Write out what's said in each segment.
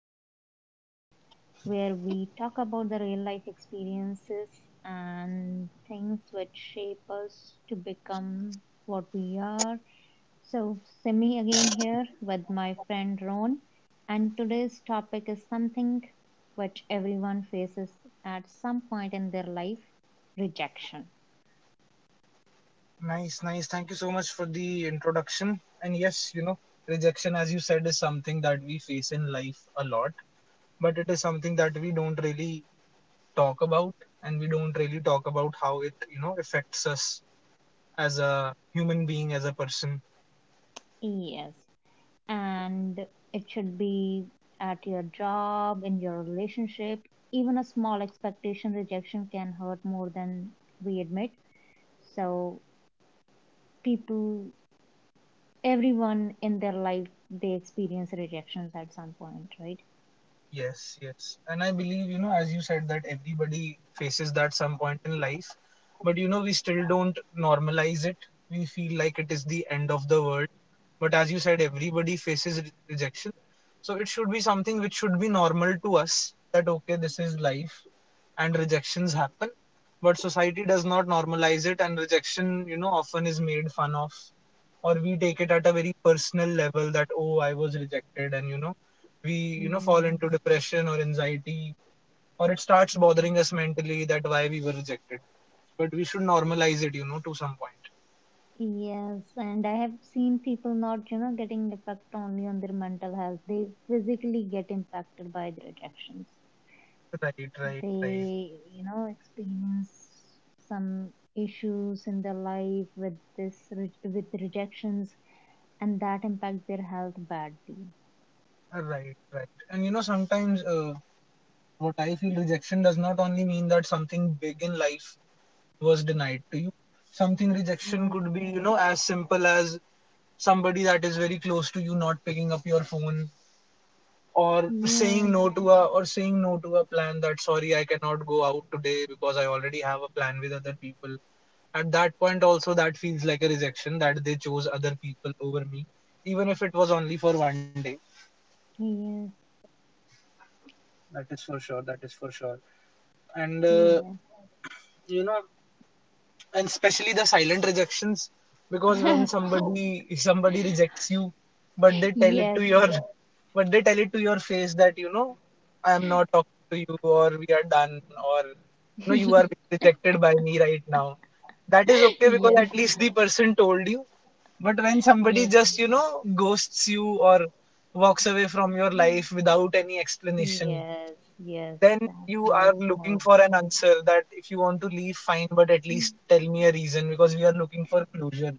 Balance again, where we talk about the real life experiences and things which shape us to become what we are. So, Simi again here with my friend Ron, and today's topic is something which everyone faces at some point in their life, rejection. Nice, nice. Thank you so much for the introduction. And yes, rejection, as you said, is something that we face in life a lot, but it is something that we don't really talk about, and we don't really talk about how it affects us as a human being, as a person. Yes. And it should be at your job, in your relationship. Even a small expectation rejection can hurt more than we admit. So, people, everyone in their life, they experience rejections at some point, right? Yes, yes. And I believe, as you said, that everybody faces that some point in life. But, we still don't normalize it. We feel like it is the end of the world. But as you said, everybody faces rejection. So it should be something which should be normal to us that, okay, this is life and rejections happen. But society does not normalize it, and rejection, often is made fun of, or we take it at a very personal level that, oh, I was rejected, and we fall Yes. into depression or anxiety, or it starts Yes. bothering us mentally that why we were rejected, but we should normalize it to some point. Yes, and I have seen people not getting effect only on their mental health. They physically get impacted by the rejections. Right, right, right, They experience some issues in their life with this with rejections, and that impact their health badly. right, right. And sometimes, what I feel, rejection does not only mean that something big in life was denied to you. Something, rejection Yes, could be, as simple as somebody that is very close to you not picking up your phone, or yes, saying no to a plan that, sorry, I cannot go out today because I already have a plan with other people. At that point also, that feels like a rejection, that they chose other people over me, even if it was only for one day. yes, That is for sure, that is for sure. and uh, yes, you know and especially the silent rejections, because when somebody rejects you, but they tell it to yes, your but they tell it to your face that, I am not talking to you, or we are done, or you are being rejected by me right now. That is okay because yes, at least the person told you. But when somebody yes, just ghosts you, or walks away from your life without any explanation, yes, yes. then That you are hurts looking more. for an answer that, if you want to leave, fine, but at Mm. least tell me a reason, because we are looking for closure.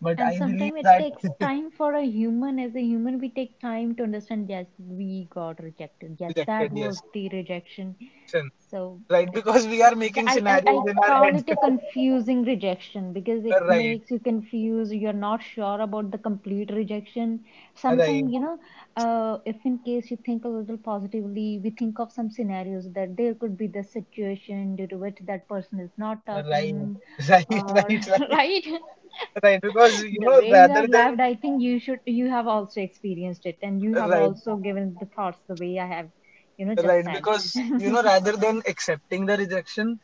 But And I believe sometimes it that. takes time for a human. As a human, we take time to understand. Yes, we got rejected. Yes, Rejected, that yes. was the rejection. Option. So Right, th- because we are th- making I, I I scenarios in our call head. it a confusing rejection because it Right, makes you confused. You're not sure about the complete rejection. right, Sometimes if in case you think a little positively, we think of some scenarios that there could be the situation due to which that person is not right. talking, Right, or right, right, right, right, because the way you rather have than, laughed, I think you have also experienced it and you have right, also given the thoughts the way I have just right, said. because rather than accepting the rejection,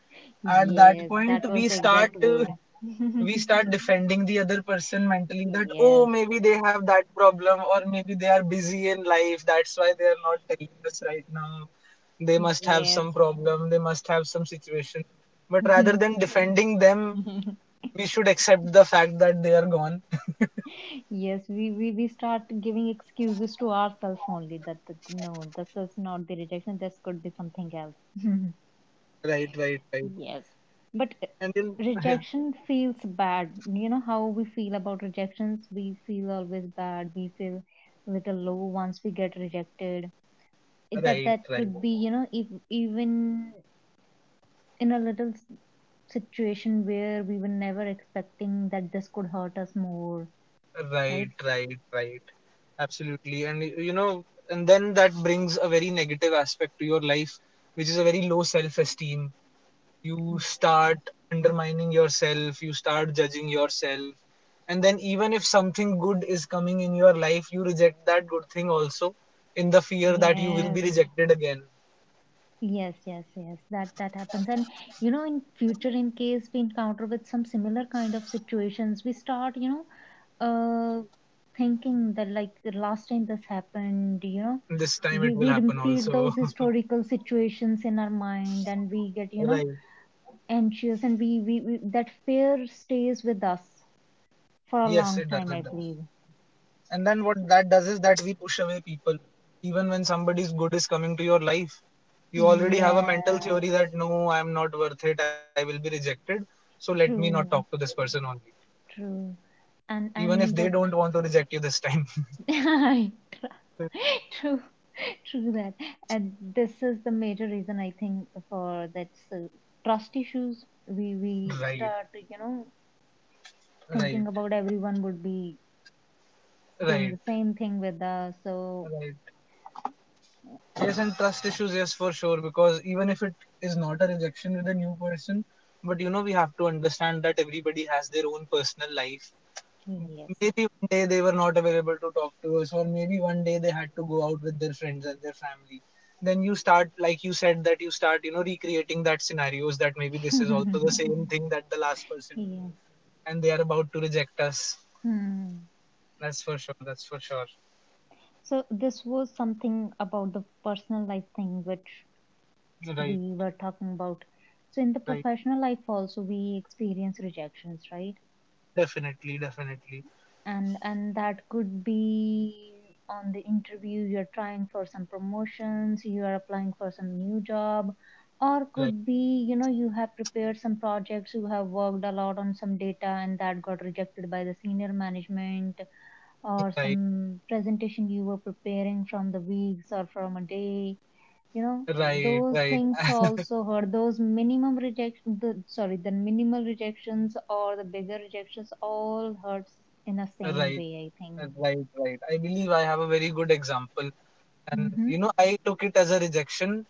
at that Yes, point that was we the start. exact word. We start defending the other person mentally that, oh, Yes, maybe they have that problem, or maybe they are busy in life, that's why they are not telling us right now. They must have some yes. problem, they must have some situation, but rather than defending them, we should accept the fact that they are gone. Yes, we start giving excuses to ourselves only that no, this is not the rejection, this could be something else. Right, right, right, Yes, but and then, yeah, rejection feels bad. You know how we feel about rejections? We feel always bad. We feel little low once we get rejected. It, right, that that right, could be, you know, if, even in a little situation where we were never expecting that this could hurt us more, right? right, right, right. Absolutely, and and then that brings a very negative aspect to your life, which is a very low self esteem. You Yes. start undermining yourself, you start judging yourself, and then, even if something good is coming in your life, you reject that good thing also, in the fear that you will be Yes. rejected again. Yes, yes, yes. That happens. And in future, in case we encounter with some similar kind of situations, we startuh thinking that like the last time this happened, This time we, it will we happen repeat also. those historical situations in our mind and we getRight. Anxious and we that fear stays with us for a Yes, it long does, it time, I does. believe. And then what that does is that we push away people, even when somebody's good is coming to your life. You already have a mental theory Yes, that, no, I am not worth it, I will be rejected. So let me not talk to true, this person only, true. Even if they And the don't want to reject you this time. true, true that. And this is the major reason I think for that, so trust issues. We Right, start right, thinking about everyone would be doing the right, same thing with us. So right. Yes, and trust issues, yes, for sure, because even if it is not a rejection with a new person, but we have to understand that everybody has their own personal life. yes, Maybe one day they were not available to talk to us, or maybe one day they had to go out with their friends and their family. Then you start, like you said, that you start, recreating that scenarios, that maybe this is also the same thing that the last person, yes. and they are about to reject us. Hmm. That's for sure. That's for sure. So this was something about the personal life thing which Right, we were talking about. So in the right. professional life also we experience rejections, right? Definitely, definitely. And that could be on the interview you're trying, for some promotions you are applying, for some new job, or Right, could be you have prepared some projects, you have worked a lot on some data and that got rejected by the senior management, right, or right, some presentation you were preparing from the weeks or from a day you know those right, things also hurt, those minimum rejection the sorry the minimal rejections or the bigger rejections, all hurts in the same right, way, I think. right, right. I believe I have a very good example. And, Mm-hmm. I took it as a rejection,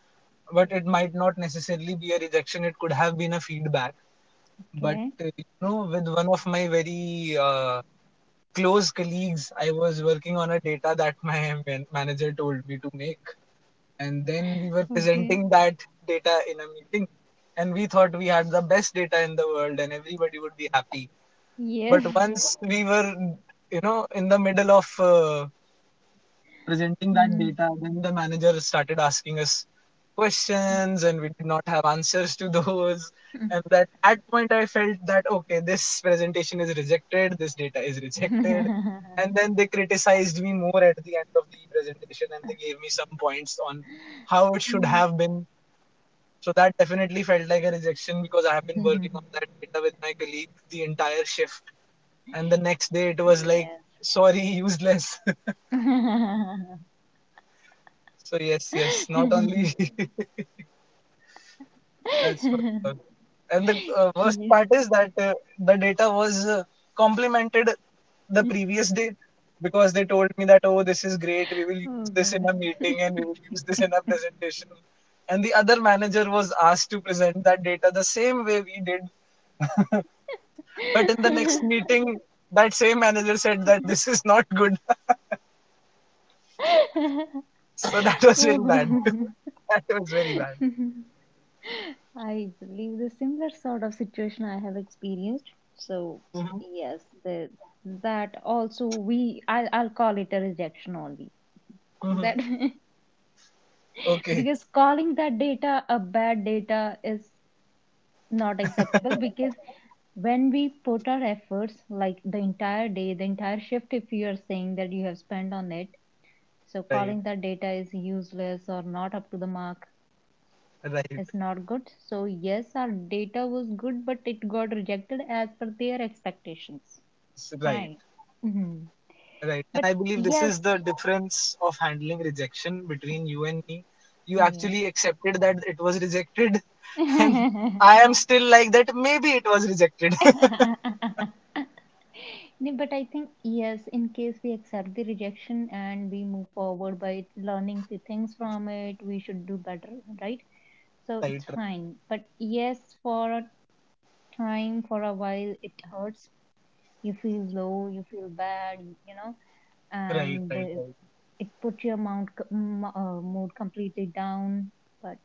but it might not necessarily be a rejection. It could have been a feedback. But, Okay. uh, you know, with one of my very close colleagues, I was working on a data that my manager told me to make, and then we were Okay. presenting that data in a meeting, and we thought we had the best data in the world and everybody would be happy. But Yes. once we were, in the middle of, presenting that Mm. data, then the manager started asking us questions, and we did not have answers to those. And that at point I felt that, okay, this presentation is rejected, this data is rejected. And then they criticized me more at the end of the presentation, and they gave me some points on how it should Mm. have been. So that definitely felt like a rejection, because I have been working on that data with my colleague the entire shift. And the next day it was like, Yes. sorry, useless. So yes, yes, not only, that's for sure. And the worst Yes. part is that, the data was complemented the previous day, because they told me that, oh, this is great, we will use Oh this in God. a meeting and we will use this in a presentation. And the other manager was asked to present that data the same way we did, but in the next meeting that same manager said that this is not good. So that was very bad. Oh. That was very bad. I believe the similar sort of situation I have experienced. So Hmm. yes, the that also we I'll call it a rejection only. Hmm. That, Okay, because calling that data a bad data is not acceptable, because when we put our efforts like the entire day, the entire shift if you are saying that you have spent on it, so right. calling that data is useless or not up to the mark Right, is not good. So, yes, our data was good, but it got rejected as per their expectations. Right, Fine. Hmm. right. And But I believe this is yes, the difference of handling rejection between you and me. You actually yes. accepted that it was rejected, and I am still like that. Maybe it was rejected. No, but I think, yes, in case we accept the rejection and we move forward by learning few things from it, we should do better, right? So Right, it's fine. But yes, for a time, for a while, it hurts. You feel low, you feel bad, you know, right, and right, right, it put your mood completely down, but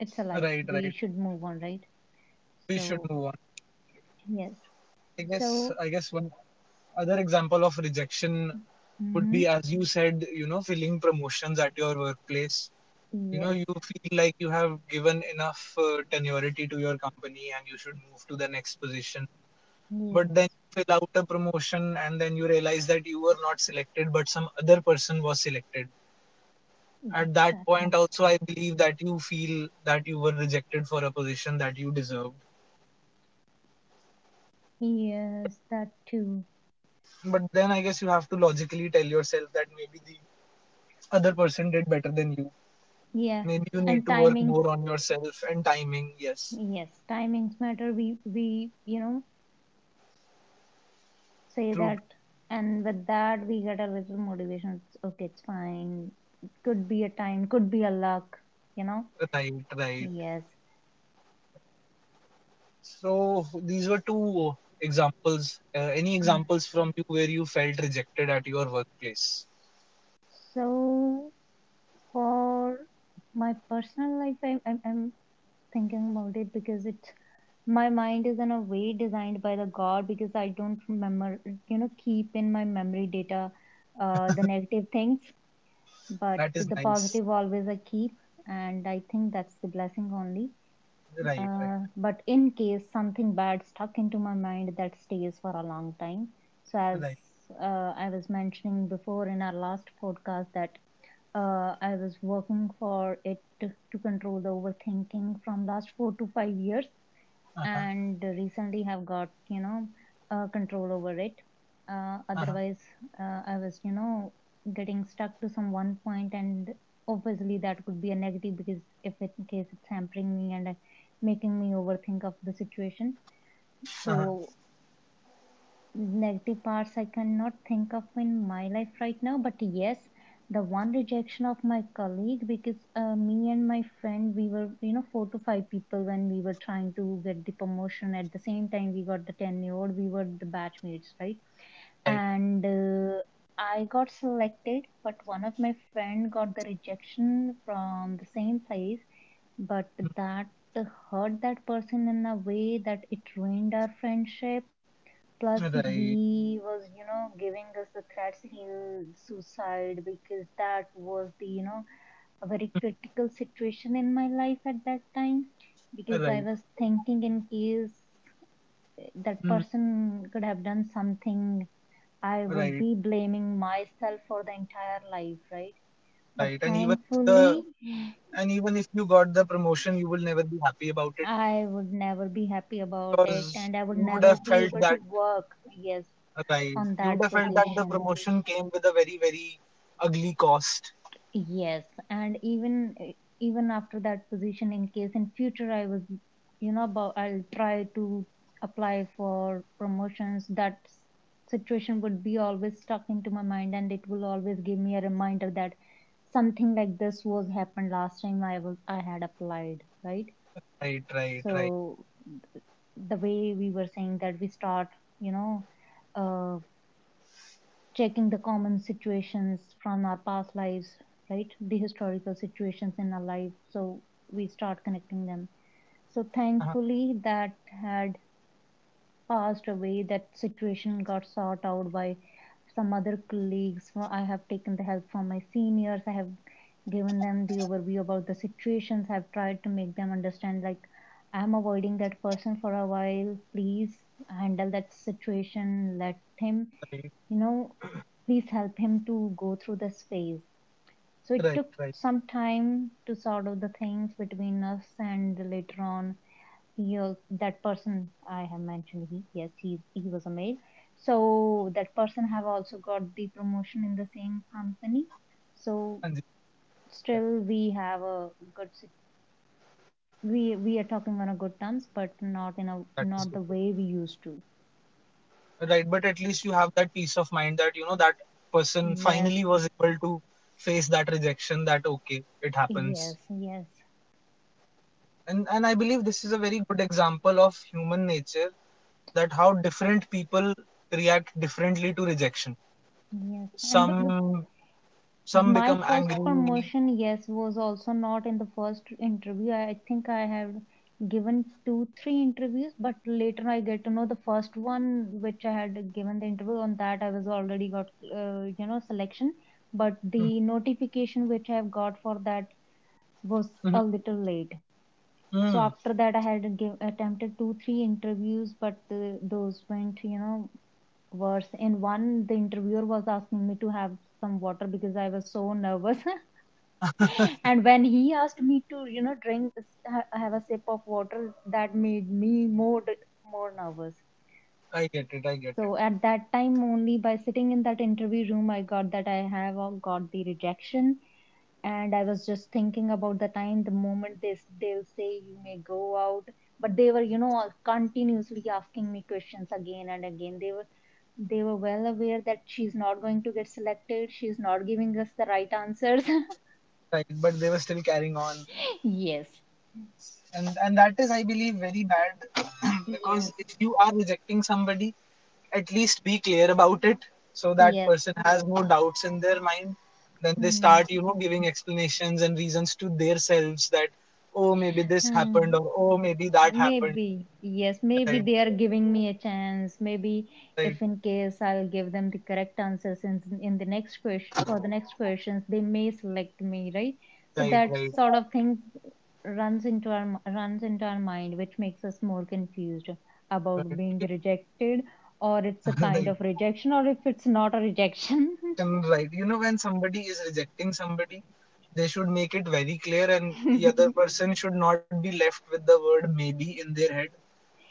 it's a right, life. right. We should move on, right? We should move on. So, yes. I guess, I So, guess one other example of rejection would be, hmm as you said, filling promotions at your workplace. Yes, You feel like you have given enough tenuity to your company, and you should move to the next position. But then yes, you fill out a promotion, and then you realize that you were not selected, but some other person was selected. At yes, that that point hurts also, too. I believe that you feel that you were rejected for a position that you deserved. Yes, that too. But then I guess you have to logically tell yourself that maybe the other person did better than you, Yeah, maybe you need and to work more timings. on yourself, and timing, yes, Yes, timings matter. We say true, that, and with that, we get a little motivation. It's okay, it's fine. It could be a time, could be a luck, you know? right, right. Yes. So these were two examples. Any examples from you where you felt rejected at your workplace? So for my personal life, I'm thinking about it, because it my mind is in a way designed by the God, because I don't remember keep in my memory data the negative things, but That is the nice. positive always I keep, and I think that's the blessing only. Right, right, But in case something bad stuck into my mind, that stays for a long time. So as right. I was mentioning before in our last podcast that I was working for it to control the overthinking from last 4 to 5 years, Uh-huh, and recently have got control over it. Uh, uh-huh, otherwise, uh, I was getting stuck to some one point, and obviously that could be a negative because if it, in case it's hampering me and making me overthink of the situation. uh-huh. So negative parts I cannot think of in my life right now, but yes, the one rejection of my colleague, because me and my friend we were four to five people when we were trying to get the promotion at the same time, we got the tenure, we were the batchmates, right? Right, And I got selected, but one of my friend got the rejection from the same place. But that hurt that person in a way that it ruined our friendship. Plus, right, he was, you know, giving us the threats he'll suicide, because that was a very critical situation in my life at that time. Because right. I was thinking, in case that Hmm. person could have done something, I would Right, be blaming myself for the entire life, right? But right. And even if the thankfully, and even if you got the promotion, you will never be happy about it, I would never be happy about because it and I you would would have never felt be that, able to work, yes, right. on You would have that felt that the position. promotion came with a very, very ugly cost. Yes, and even after that position, in case in future I was, you know, about I'll try to apply for promotions. That situation would be always stuck into my mind, and it will always give me a reminder that something like this was happened last time I had applied, right? Right, right, right. So the way we were saying that we start, you know, uh, checking the common situations from our past lives, right? The historical situations in our life. So we start connecting them. So Uh-huh, thankfully, that had passed away. That situation got sought out by some other colleagues. So I have taken the help from my seniors. I have given them the overview about the situations. I've tried to make them understand, like, I'm avoiding that person for a while. Please handle that situation. Let him right, you know, Please help him to go through this phase. So right, it took right. some time to sort out the things between us, and later on, he that person I have mentioned, he yes, he was a male. So that person have also got the promotion in the same company. So And yeah, still we have a we are talking on a good terms, but not in that a is good. not the way we used to. Right, but at least you have that peace of mind that you know that person Yes, finally was able to face that rejection, that, okay, it happens. yes, yes. And I believe this is a very good example of human nature, that how different people react differently to rejection. Yes, and but Some some my become first angry. promotion, yes, was also not in the first interview. I think I have given two, three interviews, but later I get to know the first one which I had given the interview on that I was already got, selection. But Mhm, the notification which I have got for that was a mhm, little late. So mhm. after that, I had attempted two, three interviews, but those went, worse. In one, the interviewer was asking me to have some water because I was so nervous. And when he asked me to drink, have a sip of water, that made me more nervous. I get it, I get it. So at that time only, by sitting in that interview room, I got that I have got the rejection, and I was just thinking about the moment they'll say you may go out. But they were all continuously asking me questions again and again. They were, well aware that she's not going to get selected, she's not giving us the right answers. Right, but they were still carrying on. Yes. And that is, I believe, very bad. Because Yes, if you are rejecting somebody, at least be clear about it, so that yes. person has no doubts in their mind. Then they Hmm. start giving explanations and reasons to themselves that, oh, maybe this happened, Hmm. or oh, maybe that happened. Maybe, yes, maybe Right, they are giving me a chance. Maybe right, if in case I'll give them the correct answers in the next question for the next questions, they may select me, right? So right, that right, sort of thing runs into our mind, which makes us more confused about being right. rejected, or it's a kind Right. of rejection, or if it's not a rejection. And right. You know, when somebody is rejecting somebody, they should make it very clear, and the other person should not be left with the word maybe in their head,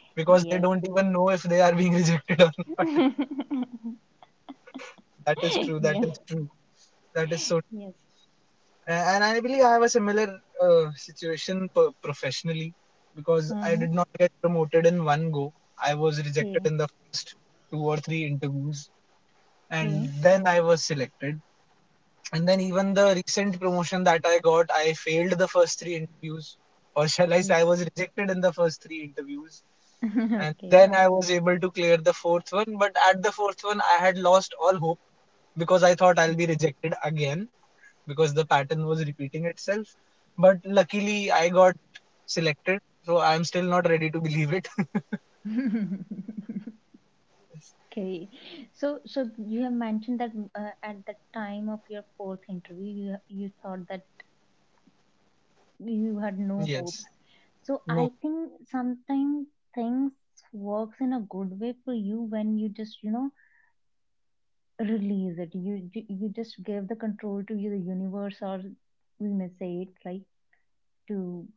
because they Yes. don't even know if they are being, rejected or not. That is true. That Yes. is true. That is so. Yes. And I believe I have a similar situation, professionally, because I Uh-huh. did not get promoted in one go. I was rejected Okay. in the first two or three interviews, and Okay. then I was selected. And then Okay. even the recent promotion that I got, I failed the first three interviews, or shall I say, I Okay. was rejected in the first three interviews. And Okay. then I was able to clear the fourth one. But at the fourth one, I had lost all hope because I thought I'll Okay. be rejected again because the pattern was repeating itself. But luckily, I got selected, so I'm still not ready to believe it. Okay. So you have mentioned that at the time of your fourth interview, you thought that you had no Yes, hopes. no. So I think sometimes things works in a good way for you when you just, you know, release it. You just give the control to you, the universe or we may say it, right? To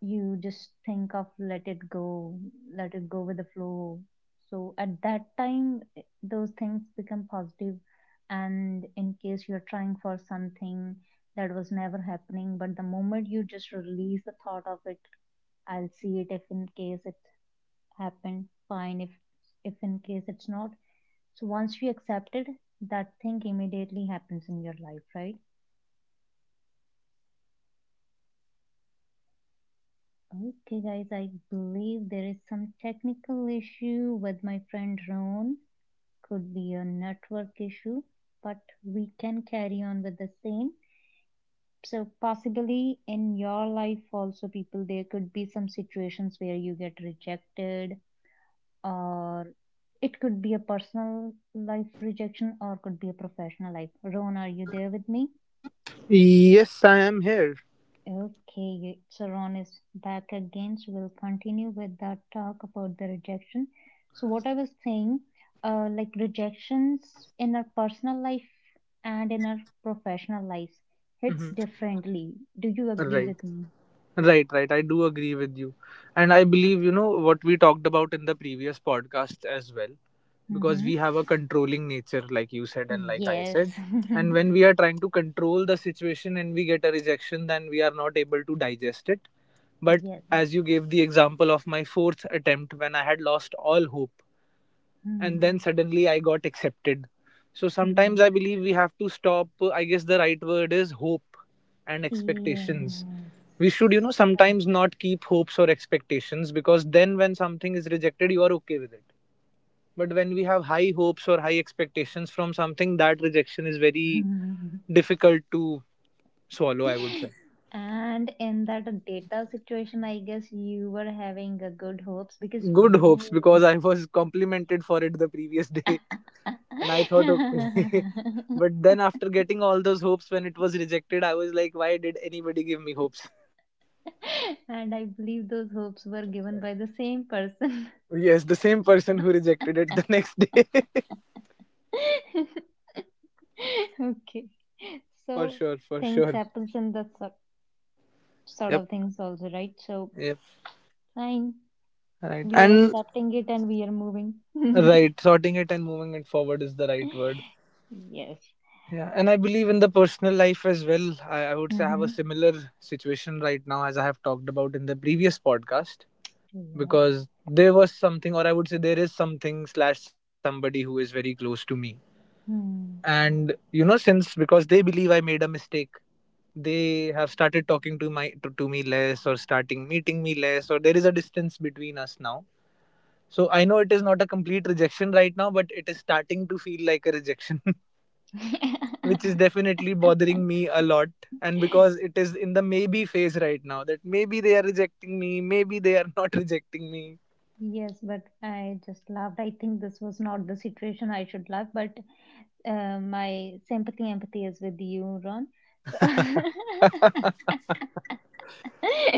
you just think of let it go with the flow. So at that time, those things become positive. And in case you're trying for something that was never happening, but the moment you just release the thought of it, I'll see it if in case it happened, fine. If in case it's not, so once you accept it, that thing immediately happens in your life, right? Okay, guys, I believe there is some technical issue with my friend Ron. Could be a network issue, but we can carry on with the same. So, possibly in your life, also, people, there could be some situations where you get rejected, or it could be a personal life rejection, or could be a professional life. Ron, are you there with me? Yes, I am here. Okay, so Ron is back again. So we'll continue with that talk about the rejection. So what I was saying, like rejections in our personal life and in our professional lives hits Hmm. differently. Do you agree Right, with me? right, right. I do agree with you. And I believe, you know, what we talked about in the previous podcast as well, because Mm-hmm. we have a controlling nature, like you said, and like I Yes. said. And when we are trying to control the situation and we get a rejection, then we are not able to digest it. But Yes. as you gave the example of my fourth attempt, when I had lost all hope and Mm. then suddenly I got accepted. So Yes. sometimes I believe we have to stop. I guess the right word is hope and expectations. We Yes. should, you know, sometimes not keep hopes or expectations because then when something is rejected, you are okay with it. But when we have high hopes or high expectations from something, that rejection is very Correct. difficult to swallow, I would say. And in that data situation, I guess you were having a good hopes because Good hopes you. because I was complimented for it the previous day. And I thought, okay. But then after getting all those hopes, when it was rejected, I was like, why did anybody give me hopes? And I believe those hopes were given by the same person. Yes, the same person who rejected it the next day. Okay. For So sure, for things sure. happens in that sort sort Yep, of things also, right? So yep. fine. Right. We are And accepting it and we are moving. right, sorting it and moving it forward is the right word. Yes. Yeah, and I believe in the personal life as well. I would say I have a Mm-hmm. similar situation right now as I have talked about in the previous podcast, Yes. because there was something, or I would say there is something slash somebody who is very close to me, and you know, since because they believe I made a mistake, they have started talking to to me less, or starting meeting me less, or there is a distance between us now. So I know it is not a complete rejection right now, but it is starting to feel like a rejection. Hmm. Which is definitely bothering me a lot. And because it is in the maybe phase right now, that maybe they are rejecting me, maybe they are not rejecting me. Yes, but I just laughed. I think this was not the situation I should laugh, but my sympathy empathy is with you, Ron. So,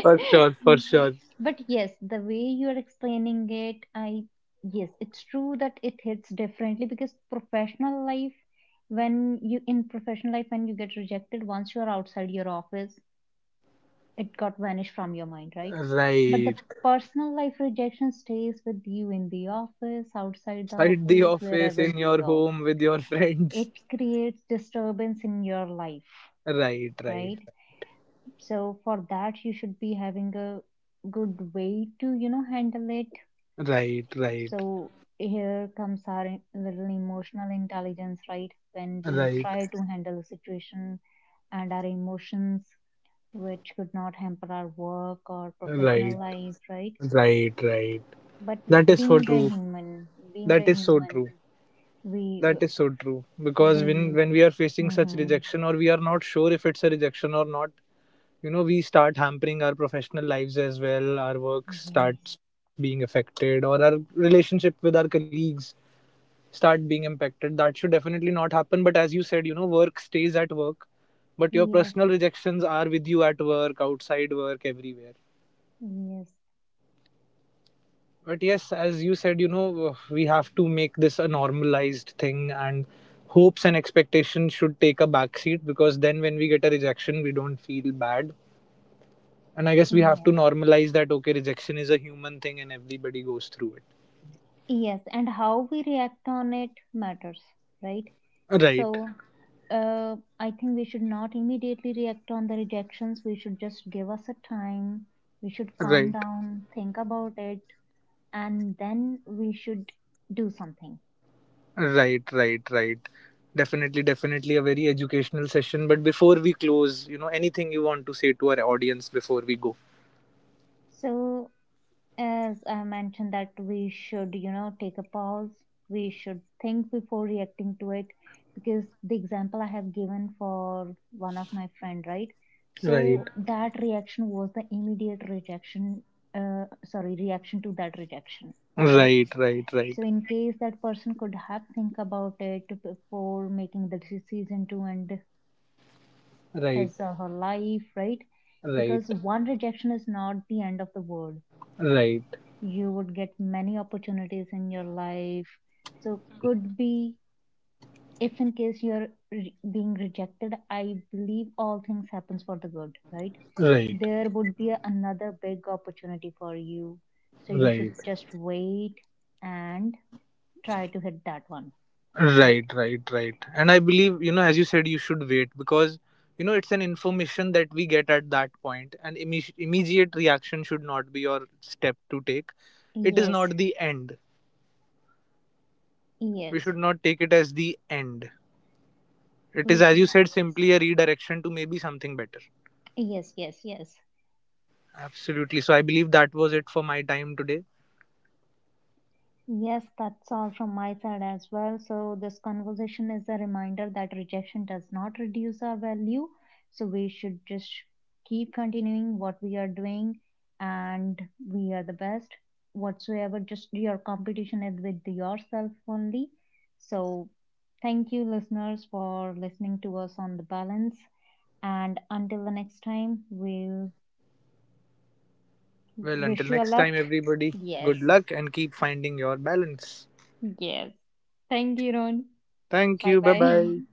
For sure, for sure, but yes, the way you're explaining it, I yes, it's true that it hits differently because professional life, when you in professional life, when you get rejected, once you're outside your office, it got vanished from your mind, right? But the right. personal life rejection stays with you in the office, outside the At the office, office, wherever in you your go. home, with your friends. It creates disturbance in your life, Right, right, right? So for that, you should be having a good way to, you know, handle it. right, right, So here comes our little emotional intelligence, right? When we right, try to handle a situation and our emotions, which could not hamper our work or professional right, life, right? right, right. But That is so being a true. human, being a That is so true. human, we That is so true. Because when we when we are facing such mhm. rejection, or we are not sure if it's a rejection or not, you know, we start hampering our professional lives as well. Our work Yes, starts being affected, or our relationship with our colleagues start being impacted. That should definitely not happen, but as you know, work stays at work, but your yes, personal rejections are with you at work, outside work, everywhere. yes, But yes, as you said, you know, we have to make this a normalized thing, and hopes and expectations should take a backseat, because then when we get a rejection we don't feel bad. And I guess we have to yes, normalize that okay, rejection is a human thing and everybody goes through yes, and how we react on it matters, right? it. Right, So, I think we should not immediately react on the rejections. We should just give us a time. We should calm right. down, think about it, and then we should do something. Right, right, right. Definitely, definitely a very educational session. But before we close, you know, anything you want to say to our audience before we go? So as I mentioned, that we should, you know, take a pause. We should think before reacting to it because the example I have given for one of my friend, right? Right, So that reaction was the immediate rejection, sorry, reaction to that rejection, right? right, right, So right, in case that person could have think about it before making the decision to end right, his or her life, right? right, Because one rejection is not the end of the world. right, You would get many opportunities in your life, so could be if in case being rejected, I believe all things happens for the good, right? right, There would be another big opportunity for you, so you should just wait and try to hit that one. right, Right. right, right, right. And I believe, you know, as you said, you should wait because, you know, it's an information that we get at that point, and immediate reaction should not be your step to take. It is Yes, not the end. We yes, should not take it as the end. It is, we as should you not. said, simply a redirection to maybe something better. Yes, yes, yes, yes. Absolutely. So I believe that was it for my time today. Yes, that's all from my side as well. So, this conversation is a reminder that rejection does not reduce our value. So, we should just keep continuing what we are doing, and we are the best whatsoever. Just your competition is with yourself only. So, thank you, listeners, for listening to us on the balance. And until the next time, we'll Well, until wish you a next luck. time, everybody, good Yes, luck and keep finding your balance. yes. Thank you, Ron. Thank Bye you. Bye bye. bye.